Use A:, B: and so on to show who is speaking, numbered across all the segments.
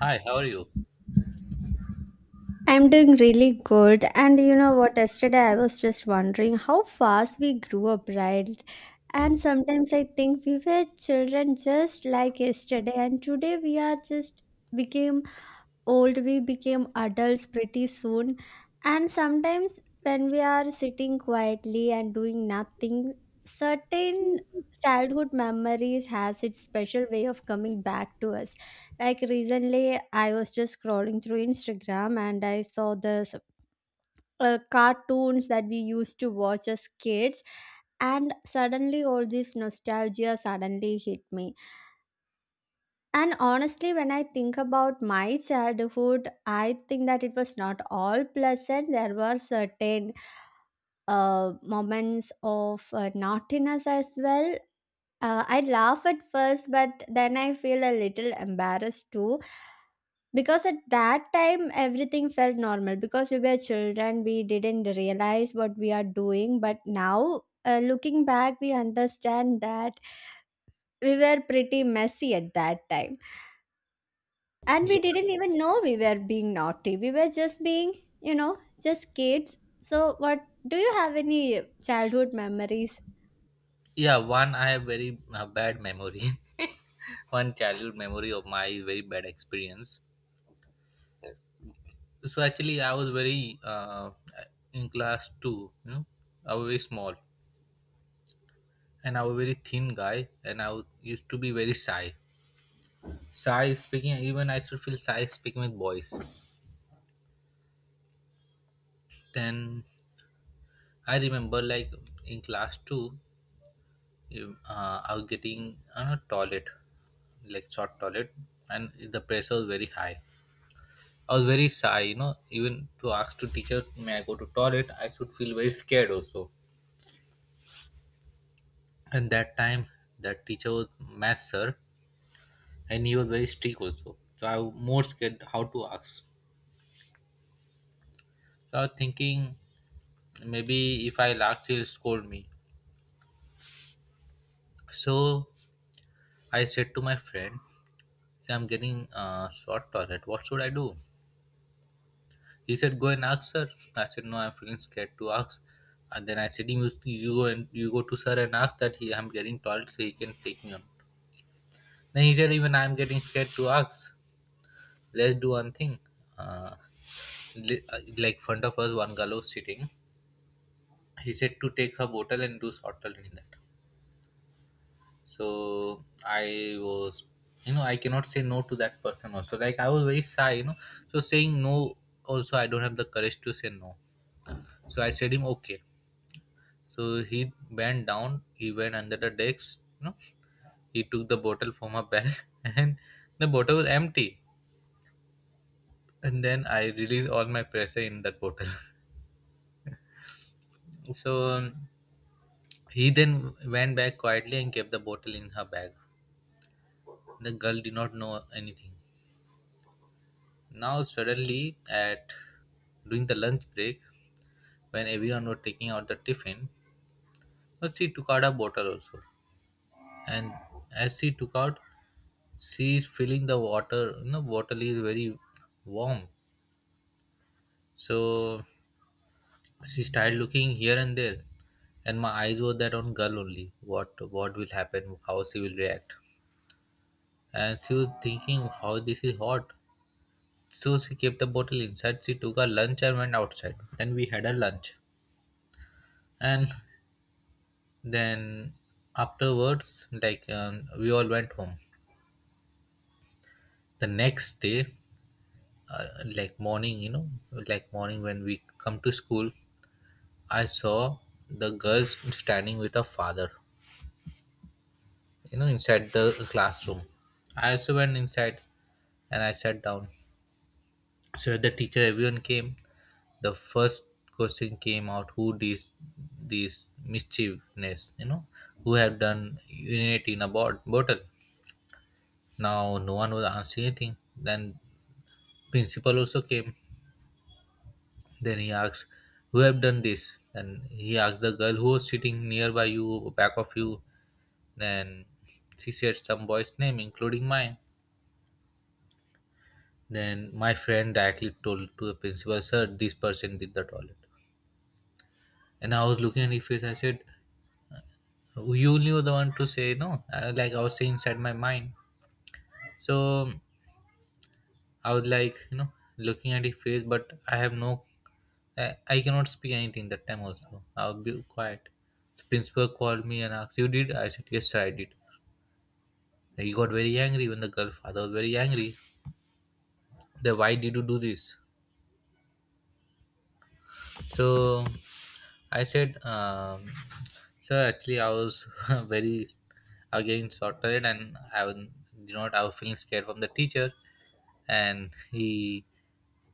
A: Hi, how are you?
B: I'm doing really good. And you know what? Yesterday I was just wondering how fast we grew up, right? And sometimes I think we were children just like yesterday, and today we are just became old. We became adults pretty soon. And sometimes, when we are sitting quietly and doing nothing, certain childhood memories has its special way of coming back to us. Like recently, I was just scrolling through Instagram and I saw this cartoons that we used to watch as kids, and suddenly all this nostalgia suddenly hit me. And honestly, when I think about my childhood, I think that it was not all pleasant. There were certain moments of naughtiness as well. I laugh at first, but then I feel a little embarrassed too, because at that time everything felt normal. Because we were children, we didn't realize what we are doing, but now looking back we understand that we were pretty messy at that time, and
A: Ye-
B: we didn't even know we were being naughty. We were just being, you know just kids. So what do you, have any childhood memories?
A: Yeah, one I have very bad memory. One childhood memory of my very bad experience. So actually, I was very in class two. You know, I was very small, and I was very thin guy, and used to be very shy. Shy speaking, even I should feel shy speaking with boys. Then I remember, like, in class two, I was getting on a toilet, like short toilet, and the pressure was very high. I was very shy, even to ask to teacher, may I go to toilet, I should feel very scared also. And that time, that teacher was math sir, and he was very strict also. So I was more scared how to ask. So I was thinking, maybe if I ask, he'll scold me. So I said to my friend, "See, I'm getting short toilet. What should I do?" He said, go and ask sir. I said, no, I'm feeling scared to ask. And then I said, you go and you go to sir and ask that he, I'm getting toilet, so he can take me on. Then he said, even I'm getting scared to ask. Let's do one thing. Uh, like front of us, one girl was sitting. He said to take her bottle and do shortcut in that. So I was, I cannot say no to that person also. Like I was very shy. So saying no also, I don't have the courage to say no. So I said him okay. So he bent down. He went under the desk. He took the bottle from her bag, and the bottle was empty, and then I released all my pressure in that bottle. So he then went back quietly and kept the bottle in her bag. The girl did not know anything. Now suddenly, at during the lunch break, when everyone was taking out the tiffin, but she took out a bottle also. And as she took out, she is feeling the water. Bottle is very warm. So she started looking here and there, and my eyes were that on girl only, what will happen, how she will react. And she was thinking how this is hot, so she kept the bottle inside. She took her lunch and went outside. Then we had a lunch. And then afterwards, like, we all went home. The next day, uh, like morning you know like morning when we come to school, I saw the girls standing with her father, inside the classroom. I also went inside, and I sat down. So the teacher, everyone came. The first question came out, who did this mischievousness, who have done urinate in a bottle. Now no one was answering anything. Then principal also came. Then he asked, who have done this? And he asked the girl who was sitting nearby, you back of you. Then she said some boy's name including mine. Then my friend directly told to the principal, sir, this person did the toilet. And I was looking at his face. I said, you only were the one to say no. Like I was saying inside my mind. So I was like, looking at his face, but I have no, I cannot speak anything that time also. I would be quiet. The principal called me and asked, you did? I said, yes, sir, I did. He got very angry when the girl father was very angry. That why did you do this? So I said, sir, actually, I was very again sorted, and I was feeling scared from the teacher. And he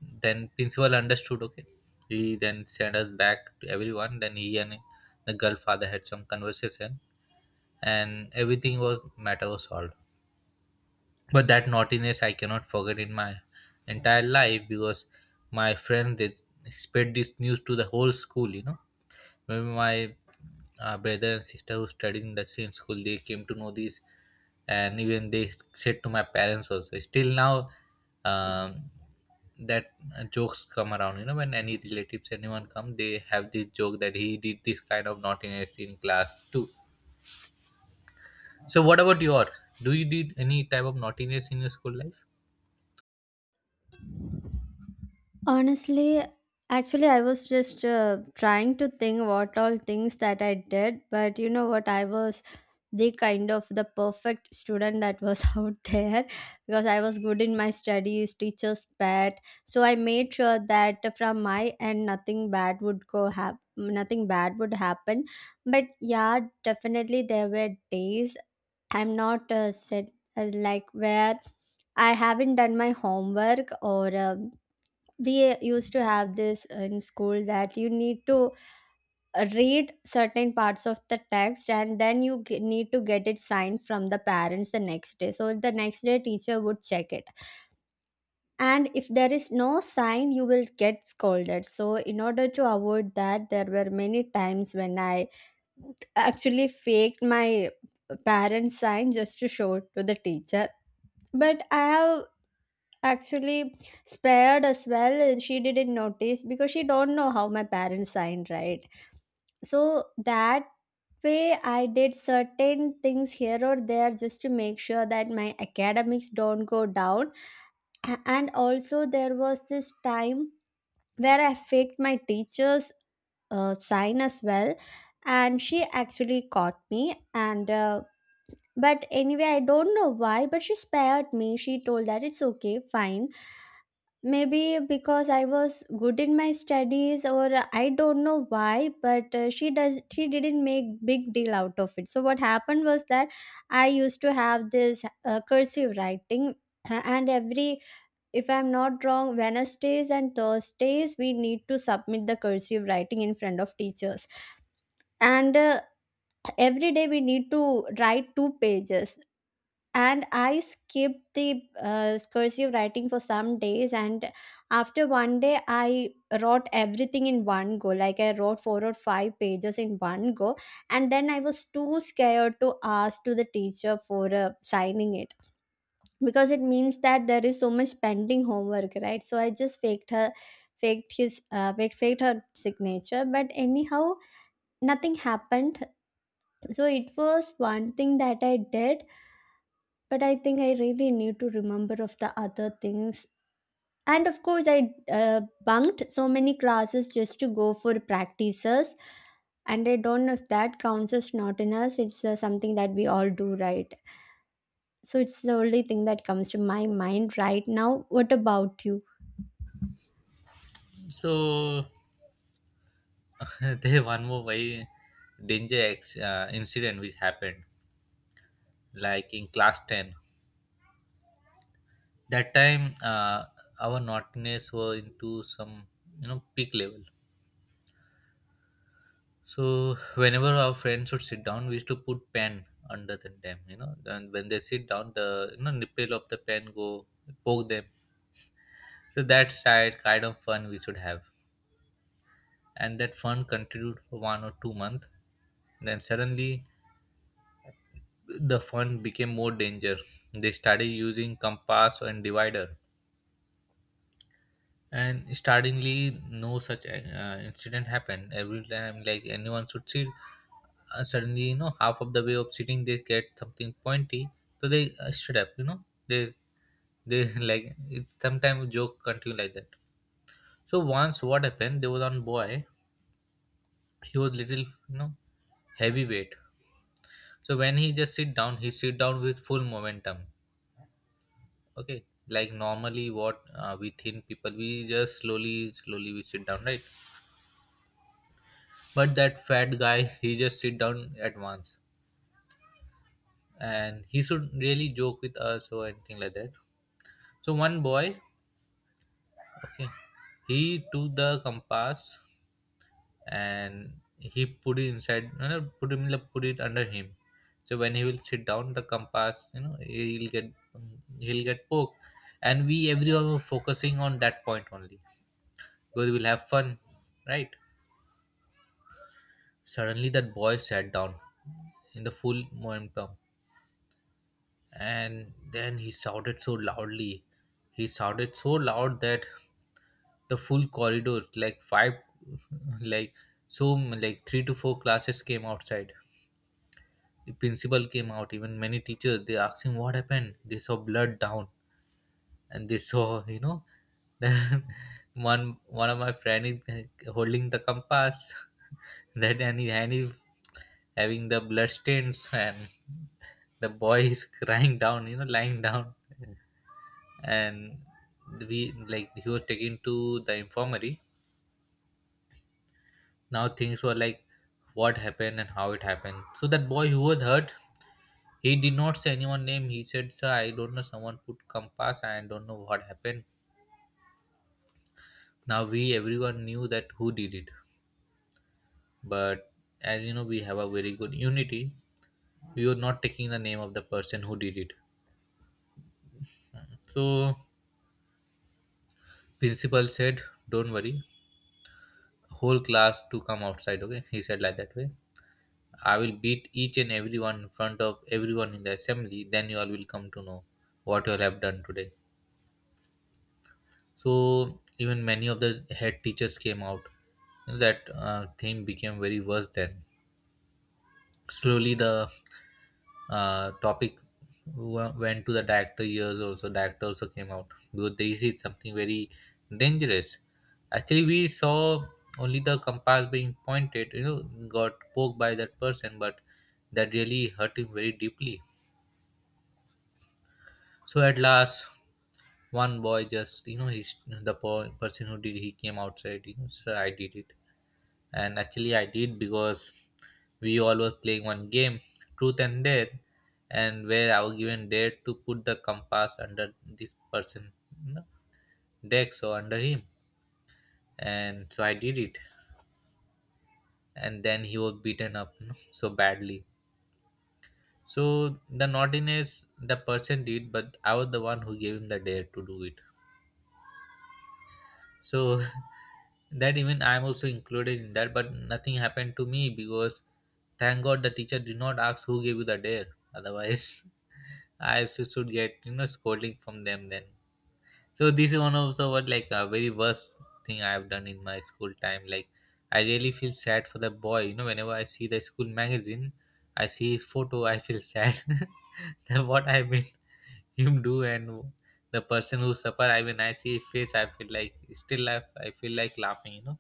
A: then principal understood. Okay, he then sent us back to everyone. Then he and the girl father had some conversation, and everything was matter was solved. But that naughtiness I cannot forget in my entire life because my friend they spread this news to the whole school. Maybe my brother and sister who studied in the same school, they came to know this, and even they said to my parents also. Still now, um, that jokes come around. When any relatives, anyone come, they have this joke that he did this kind of naughtiness in class too. So, what about your? Do you did any type of naughtiness in your school life?
B: Honestly, actually, I was just trying to think what all things that I did, but you know what, I was the kind of the perfect student that was out there, because I was good in my studies, teachers' pet. So I made sure that from my end nothing bad would go happen. Nothing bad would happen, but yeah, definitely there were days I'm not said like where I haven't done my homework, or we used to have this in school that you need to read certain parts of the text, and then you need to get it signed from the parents the next day. So the next day teacher would check it, and if there is no sign you will get scolded. So in order to avoid that, there were many times when I actually faked my parents sign, just to show it to the teacher. But I have actually spared as well. She didn't notice, because she don't know how my parents signed, right? So that way, I did certain things here or there, just to make sure that my academics don't go down. And also, there was this time where I faked my teacher's sign as well, and she actually caught me. And but anyway, I don't know why, but she spared me. She told that it's okay, fine. Maybe because I was good in my studies, or I don't know why, but she does. She didn't make big deal out of it. So what happened was that I used to have this cursive writing, and every, if I'm not wrong, Wednesdays and Thursdays we need to submit the cursive writing in front of teachers, and every day we need to write two pages. And I skipped the cursive writing for some days, and after one day I wrote everything in one go. Like I wrote four or five pages in one go, and then I was too scared to ask to the teacher for signing it, because it means that there is so much pending homework, right? So I just faked her faked his faked, faked her signature, but anyhow nothing happened. So it was one thing that I did, but I think I really need to remember of the other things. And of course, I uh, bunked so many classes just to go for practices, and I don't know if that counts as naughtiness. It's something that we all do, right? So it's the only thing that comes to my mind right now. What about you?
A: So there one more very danger incident which happened, like, in class 10. That time, our naughtiness were into some peak level. So whenever our friends would sit down, we used to put pen under them, you know, and when they sit down, the nipple of the pen go poke them. So that side kind of fun we should have, and that fun continued for 1 or 2 months. Then suddenly the fun became more danger. They started using compass and divider. And startlingly no such incident happened every time, like anyone should sit suddenly, half of the way of sitting they get something pointy. So they stood up, they like it, sometimes joke continue like that. So once what happened, there was one boy, he was little, heavyweight. So when he just sit down, he sit down with full momentum. Okay, like normally what, we thin people, we just slowly slowly we sit down, right? But that fat guy, he just sit down at once, and he should really joke with us or anything like that. So one boy, okay, he took the compass and he put it inside, put it under him. So when he will sit down, the compass, he'll get poked, and we everyone were focusing on that point only because we'll have fun, right? Suddenly that boy sat down in the full momentum, and then he shouted so loud that the full corridor, like, five like, so, like, three to four classes came outside. The principal came out, even many teachers, they asked him what happened. They saw blood down, and they saw. Then one of my friend is holding the compass, that, and he having the blood stains, and the boy is crying down, lying down. And we, like, he was taken to the infirmary. Now things were like, what happened and how it happened. So that boy who was hurt, he did not say anyone name. He said, sir, I don't know, someone put compass, I don't know what happened. Now we everyone knew that who did it, but as you know, we have a very good unity. We were not taking the name of the person who did it. So principal said, don't worry, whole class to come outside, okay, he said like that way, I will beat each and everyone in front of everyone in the assembly. Then you all will come to know what you all have done today. So even many of the head teachers came out. That thing became very worse then. Slowly the topic went to the director years also. Director also came out because they see something very dangerous. Actually, we saw only the compass being pointed. Got poked by that person, but that really hurt him very deeply. So at last, one boy just, he's the person who did, he came outside. You know, sir, I did it, and actually I did because we all were playing one game, truth and dare, and where I was given dare to put the compass under this person you know, deck, so under him, and so I did it, and then he was beaten up so badly. So the naughtiness the person did, but I was the one who gave him the dare to do it. So that even I am also included in that, but nothing happened to me because thank god the teacher did not ask who gave you the dare. Otherwise, I also should get, scolding from them then. So this is one of the, what, like, a very worst thing I have done in my school time. Like, I really feel sad for the boy, whenever I see the school magazine, I see his photo, I feel sad, that what I made him do. And the person who suffer, I mean, I see his face, I feel like still I feel like laughing.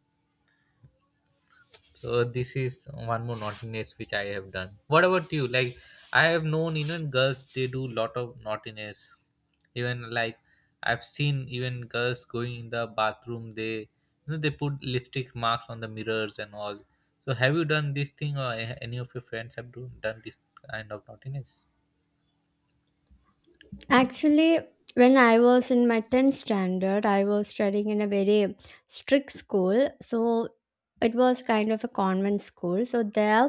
A: So this is one more naughtiness which I have done. What about you? Like, I have known even girls they do lot of naughtiness. Even like, I've seen even girls going in the bathroom. They, you know, they put lipstick marks on the mirrors and all. So have you done this thing or any of your friends have done this kind of naughtiness?
B: Actually, when I was in my 10th standard, I was studying in a very strict school. So it was kind of a convent school. So there,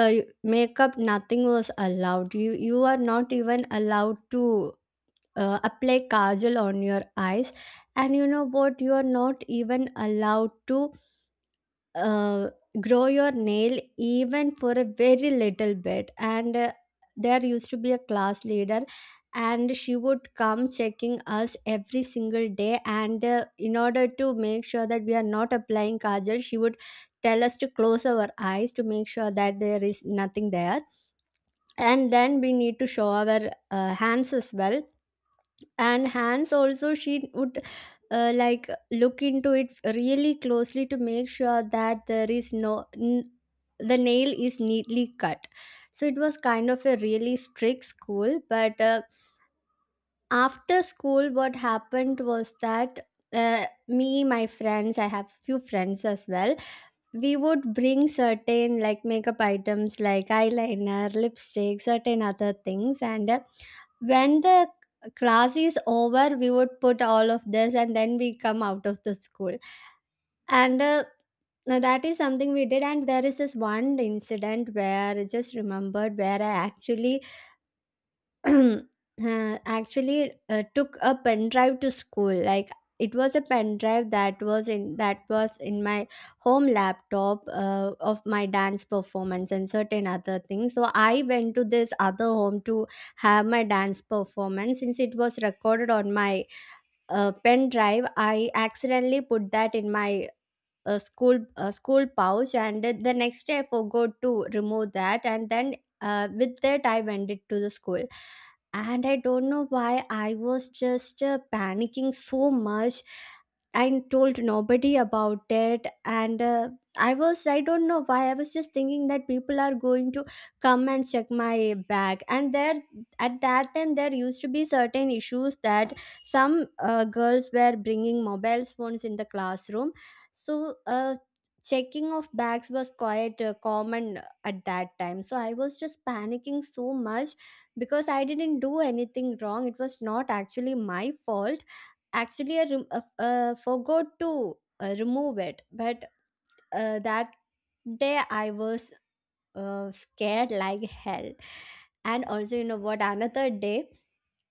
B: uh, makeup, nothing was allowed. You are not even allowed to apply kajal on your eyes. And you know what, you are not even allowed to uh, grow your nail, even for a very little bit. And there used to be a class leader, and she would come checking us every single day. And in order to make sure that we are not applying kajal, she would tell us to close our eyes, to make sure that there is nothing there. And then we need to show our hands as well, and hands also she would like look into it really closely to make sure that there is no the nail is neatly cut. So it was kind of a really strict school, but after school what happened was that, me, my friends, I have few friends as well, we would bring certain like makeup items, like eyeliner, lipstick, certain other things. And when the class is over, we would put all of this, and then we come out of the school. And now, that is something we did. And there is this one incident where I just remembered, where I actually actually took a pen drive to school. Like it was a pen drive that was in my home laptop, of my dance performance and certain other things. So I went to this other home to have my dance performance. Since it was recorded on my pen drive, I accidentally put that in my a school pouch, and the next day I forgot to remove that. And then with that I went it to the school, and I don't know why I was just panicking so much. I told nobody about it, and I was, I don't know why I was just thinking that people are going to come and check my bag. And there, at that time, there used to be certain issues that some girls were bringing mobile phones in the classroom. So, checking of bags was quite common at that time. So, I was just panicking so much, because I didn't do anything wrong. It was not actually my fault. Actually, I forgot to remove it. But that day I was scared like hell. And also, you know what, another day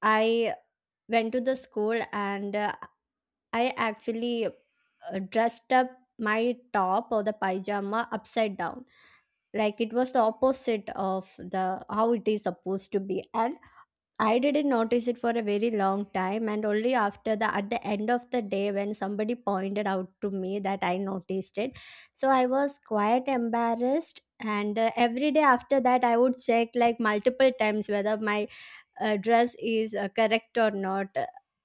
B: I went to the school, and I actually dressed up my top or the pajama upside down, like it was the opposite of the how it is supposed to be. And I didn't notice it for a very long time, and only after the at the end of the day, when somebody pointed out to me, that I noticed it. So I was quite embarrassed, and every day after that I would check like multiple times whether my dress is correct or not.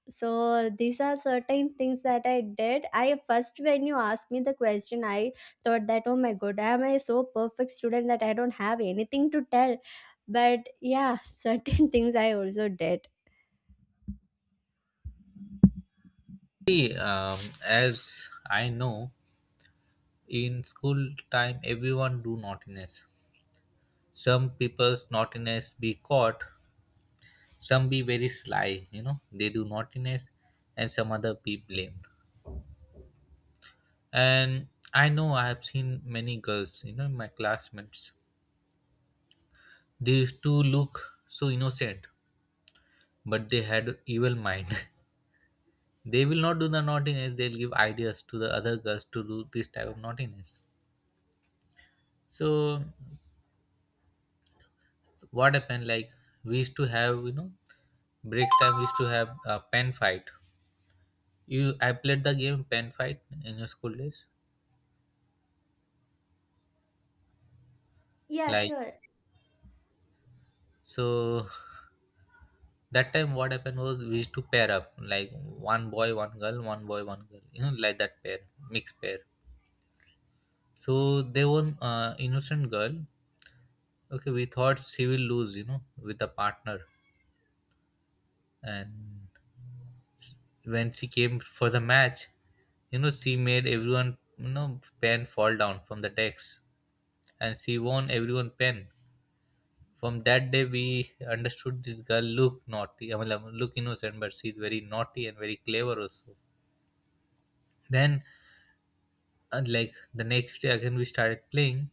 B: So these are certain things that I did. I first, when you asked me the question, I thought that, oh my god, am I so perfect student that I don't have anything to tell? But yeah, certain things I also did.
A: See, as I know, in school time everyone do naughtiness. Some people's naughtiness be caught, some be very sly, you know, they do naughtiness, and some other be blamed. And I know, I have seen many girls, you know, my classmates, they used to look so innocent but they had evil mind. They will not do the naughtiness, they'll give ideas to the other girls to do this type of naughtiness. So what happened like, we used to have, you know, break time, we used to have a pen fight. You, I played the game pen fight in your school days?
B: Yeah,
A: Like,
B: sure.
A: so that time what happened was, we used to pair up like one boy one girl, one boy one girl, you know, like that pair, mixed pair. So there was innocent girl, okay, we thought she will lose, you know, with a partner. And when she came for the match, you know, she made everyone, you know, pen fall down from the decks, and she won everyone pen. From that day we understood this girl look naughty, I mean, look innocent but she's very naughty and very clever also. Then, and like the next day again we started playing.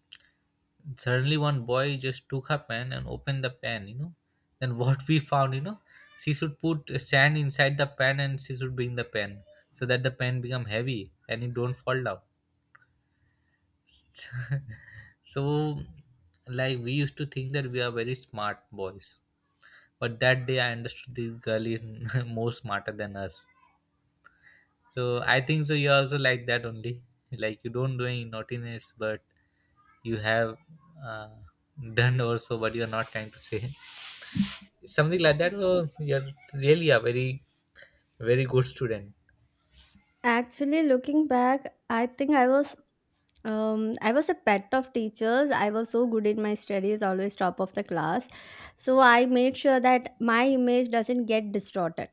A: Suddenly one boy just took her pen and opened the pen, you know. Then what we found, you know, she should put sand inside the pen and she should bring the pen so that the pen become heavy and it don't fall down. So, like, we used to think that we are very smart boys. But that day I understood this girl is more smarter than us. So I think so. You also like that only, like, you don't do any naughtiness, but you have uh, done also what you are not trying to say. Something like that. So you're really a very, very good student.
B: Actually, looking back, I think um I was a pet of teachers. I was so good in my studies, always top of the class. So I made sure that my image doesn't get distorted.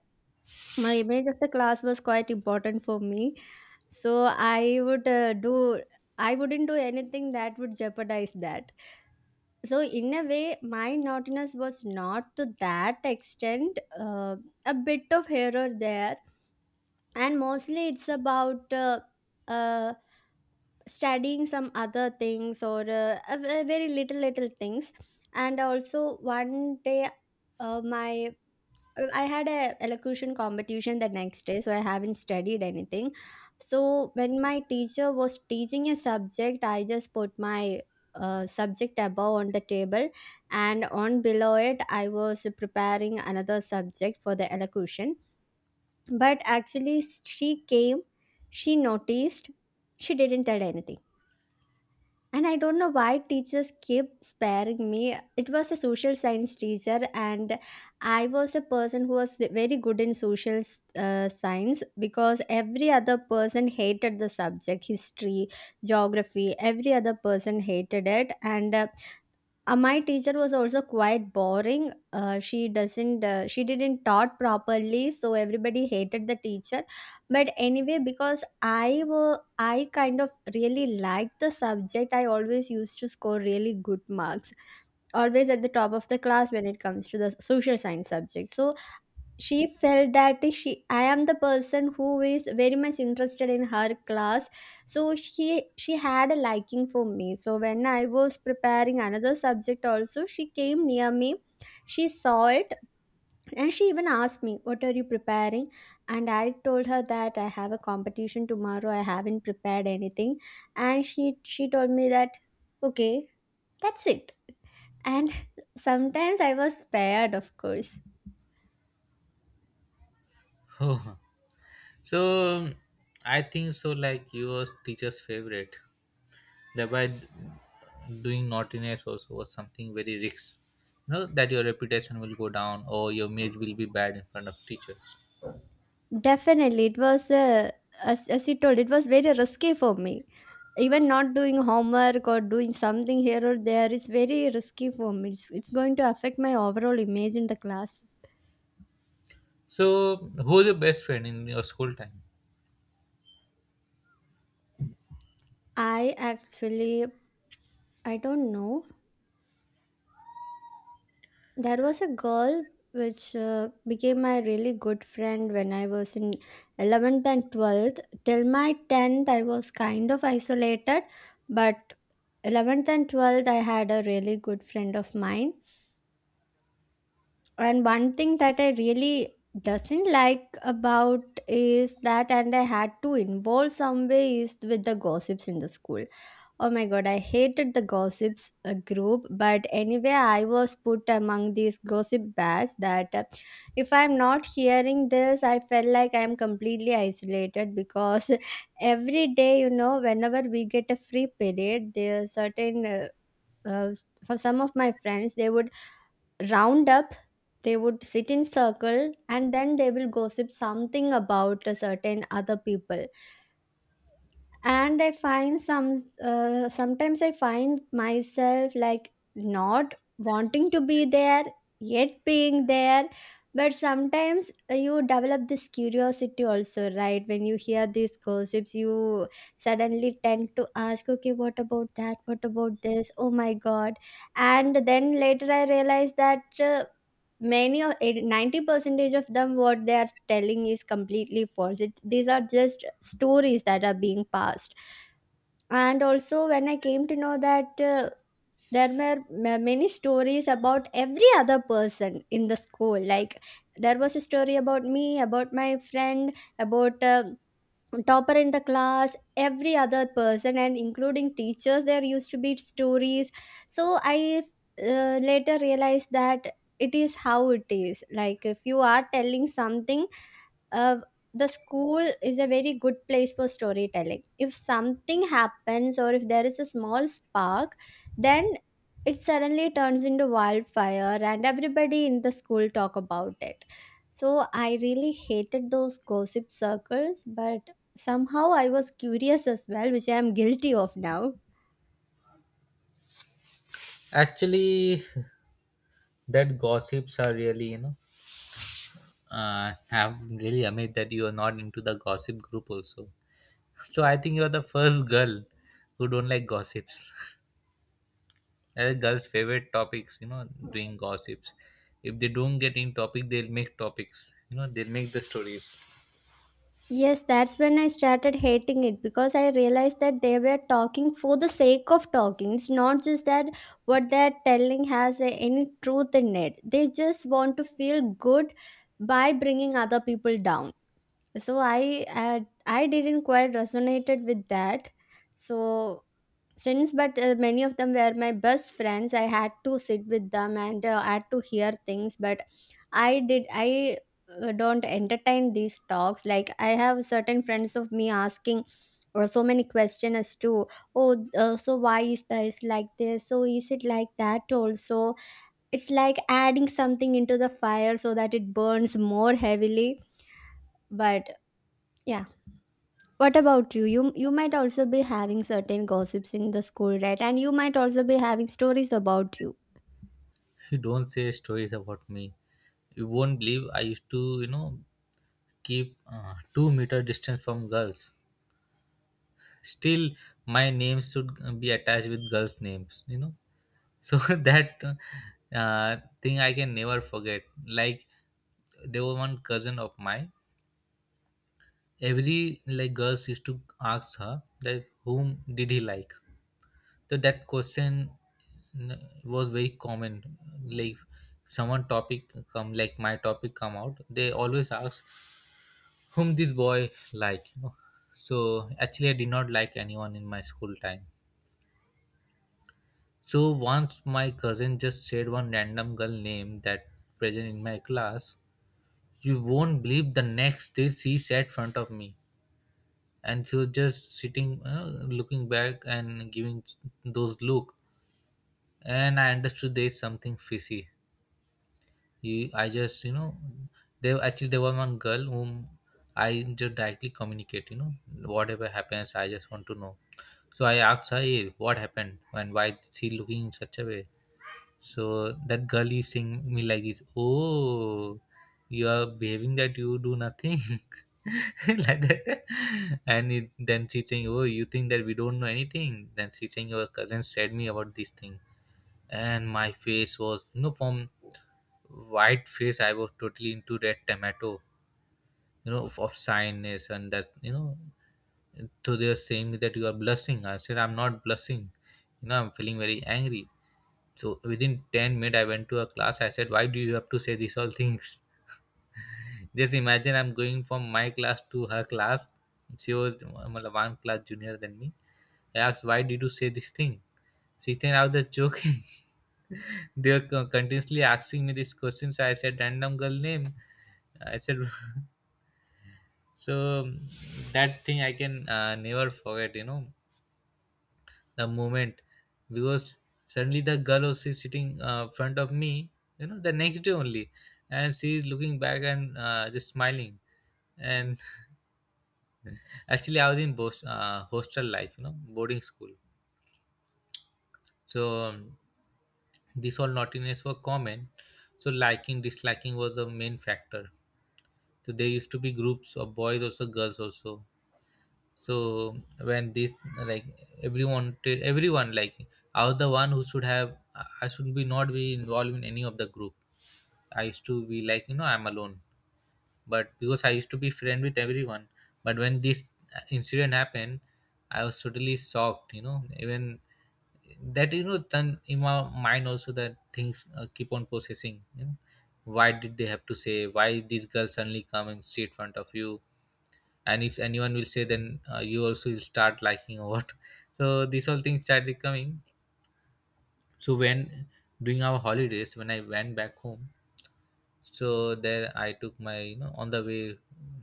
B: My image of the class was quite important for me. So i would uh, do I wouldn't do anything that would jeopardize that. So in a way, my naughtiness was not to that extent. A bit of here or there, and mostly it's about uh, studying some other things, or very little things. And also, one day, my I had a elocution competition the next day, so I haven't studied anything. So when my teacher was teaching a subject, I just put my subject above on the table, and on below it, I was preparing another subject for the elocution. But actually, she came, she noticed, she didn't tell anything. And I don't know why teachers keep sparing me. It was a social science teacher, and I was a person who was very good in social science, because every other person hated the subject history, geography, every other person hated it. And My teacher was also quite boring. She doesn't. She didn't taught properly, so everybody hated the teacher. But anyway, because I kind of really liked the subject, I always used to score really good marks, always at the top of the class when it comes to the social science subject. So she felt that she I am the person who is very much interested in her class, so she had a liking for me. So when I was preparing another subject also, she came near me, she saw it, and she even asked me, what are you preparing? And I told her that I have a competition tomorrow, I haven't prepared anything. And she told me that, okay, that's it. And sometimes I was spared, of course.
A: Oh. So I think so. Like, you, your teacher's favorite, thereby doing naughtiness also was something very risks. You know that your reputation will go down or your image will be bad in front of teachers.
B: Definitely, it was as you told, it was very risky for me. Even not doing homework or doing something here or there is very risky for me. It's going to affect my overall image in the class.
A: So who's your best friend in your school time?
B: I actually, I don't know. There was a girl which became my really good friend when I was in 11th and 12th. Till my 10th, I was kind of isolated, but 11th and 12th, I had a really good friend of mine. And one thing that I really doesn't like about is that and I had to involve some way is with the gossips in the school. Oh my god, I hated the gossips group, but anyway, I was put among these gossip batch that if I'm not hearing this, I felt like I'm completely isolated because every day, you know, whenever we get a free period, there are certain uh, for some of my friends, they would round up, they would sit in circle, and then they will gossip something about a certain other people. And I find sometimes I find myself like not wanting to be there, yet being there. But sometimes you develop this curiosity also, right? When you hear these gossips, you suddenly tend to ask, okay, what about that, what about this, oh my god. And then later I realized that many of 80-90 percentage of them, what they are telling is completely false. It, these are just stories that are being passed. And also when I came to know that there were many stories about every other person in the school. Like, there was a story about me, about my friend, about topper in the class, every other person, and including teachers, there used to be stories. So I later realized that it is how it is. Like, if you are telling something uh, the school is a very good place for storytelling. If something happens, or if there is a small spark, then it suddenly turns into wildfire, and everybody in the school talk about it. So I really hated those gossip circles, but somehow I was curious as well, which I am guilty of now.
A: Actually, that gossips are really, you know, I'm really amazed that you are not into the gossip group also. So I think you are the first girl who don't like gossips. Girls' favorite topics, you know, doing gossips. If they don't get in topic, they'll make topics. You know, they'll make the stories.
B: Yes, that's when I started hating it, because I realized that they were talking for the sake of talking. It's not just that what they're telling has any truth in it. They just want to feel good by bringing other people down. So I didn't quite resonated with that. So, since, but many of them were my best friends, I had to sit with them and had to hear things. But I did I don't entertain these talks. Like, I have certain friends of me asking or so many questions as to, oh, so why is this like this, so is it like that also. It's like adding something into the fire so that it burns more heavily. But yeah, what about you? You might also be having certain gossips in the school, right? And you might also be having stories about you.
A: You don't say stories about me. You won't believe, I used to, you know, keep 2 meter distance from girls. Still, my name should be attached with girls' names, you know. So that, uh, thing I can never forget. Like, there was one cousin of mine, every, like, girls used to ask her that whom did he like. So that question was very common. Like, someone topic come, like my topic come out, they always ask whom this boy like, you know. So actually I did not like anyone in my school time. So once my cousin just said one random girl name that present in my class. You won't believe, the next day she sat front of me, and she was just sitting, looking back and giving those look. And I understood there's something fishy. You, I just, you know, there, actually, there was one girl whom I just directly communicate. You know, whatever happens, I just want to know. So I asked her, hey, what happened and why is she looking in such a way? So that girl is saying me like this, oh, you are behaving that you do nothing, like that. And then she saying, oh, you think that we don't know anything. Then she saying, your cousin said me about this thing. And my face was, you know, from white face, I was totally into red tomato, you know, of shyness and that, you know. So they are saying that you are blushing. I said, I'm not blushing. You know, I'm feeling very angry. So within 10 minutes, I went to a class. I said, why do you have to say these all things? Just imagine, I'm going from my class to her class. She was one class junior than me. I asked, why did you say this thing? She thinks I was just joking. They are continuously asking me these questions. I said, random girl name. I said, so that thing I can never forget, you know. The moment, because suddenly the girl who is sitting front of me, you know, the next day only, and she's looking back and just smiling. And actually, I was in boast, hostel life, you know, boarding school. So this all naughtiness were common. So liking disliking was the main factor. So there used to be groups of boys also, girls also. So when this, like, everyone everyone, like, I was the one who should have, I should be not be involved in any of the group. I used to be like, you know, I'm alone, but because I used to be friend with everyone. But when this incident happened, I was totally shocked, you know. Even that, you know, then in my mind also that things keep on processing, you know. Why did they have to say, why these girls suddenly come and sit in front of you, and if anyone will say then you also will start liking or what? So these all things started coming. So when, during our holidays, when I went back home, so there I took my, you know, on the way,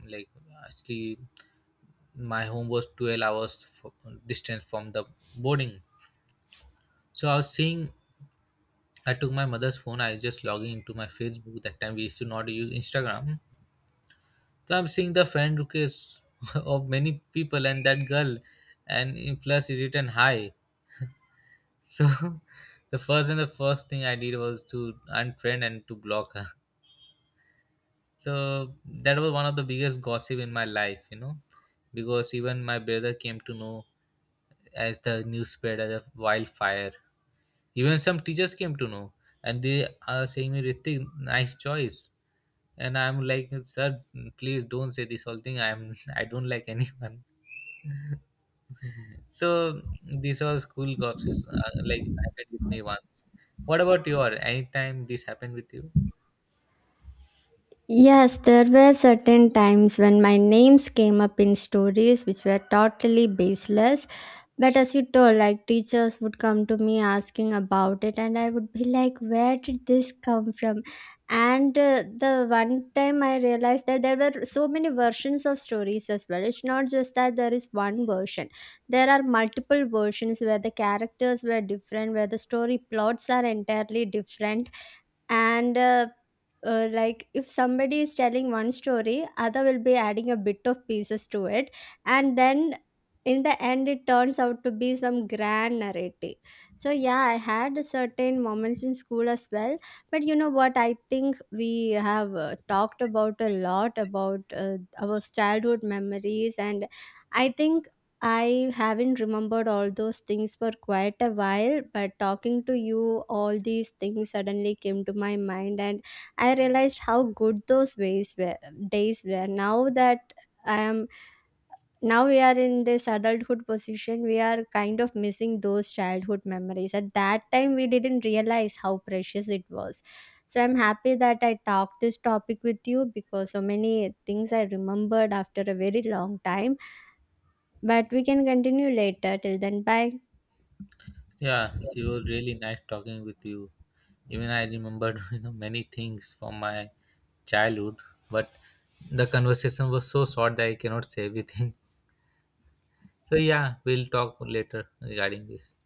A: like, actually, my home was 12 hours distance from the boarding. So I was seeing, I took my mother's phone, I just logging into my Facebook, that time we used to not use Instagram. So I'm seeing the friend request of many people, and that girl, and in plus it written hi. So the first, and the first thing I did was to unfriend and to block her. So that was one of the biggest gossip in my life, you know, because even my brother came to know, as the news spread as a wildfire. Even some teachers came to know, and they are saying me, Ritik, nice choice. And I'm like, sir, please don't say this whole thing. I'm I don't like anyone. So these all school cops, like, happened with me once. What about your? Or anytime this happened with you?
B: Yes, there were certain times when my names came up in stories which were totally baseless. But as you told, like, teachers would come to me asking about it, and I would be like, where did this come from? And the one time I realized that there were so many versions of stories as well. It's not just that there is one version, there are multiple versions where the characters were different, where the story plots are entirely different. And like, if somebody is telling one story, other will be adding a bit of pieces to it, and then in the end it turns out to be some grand narrative. So yeah, I had certain moments in school as well. But you know what, I think we have talked about a lot about our childhood memories. And I think I haven't remembered all those things for quite a while, but talking to you, all these things suddenly came to my mind. And I realized how good those ways were, days were. Now that I am, now we are in this adulthood position, we are kind of missing those childhood memories. At that time, we didn't realize how precious it was. So I'm happy that I talked this topic with you because so many things I remembered after a very long time. But we can continue later. Till then, bye.
A: Yeah, it was really nice talking with you. Even I remembered you know, many things from my childhood, but the conversation was so short that I cannot say everything. So yeah, we'll talk later regarding this.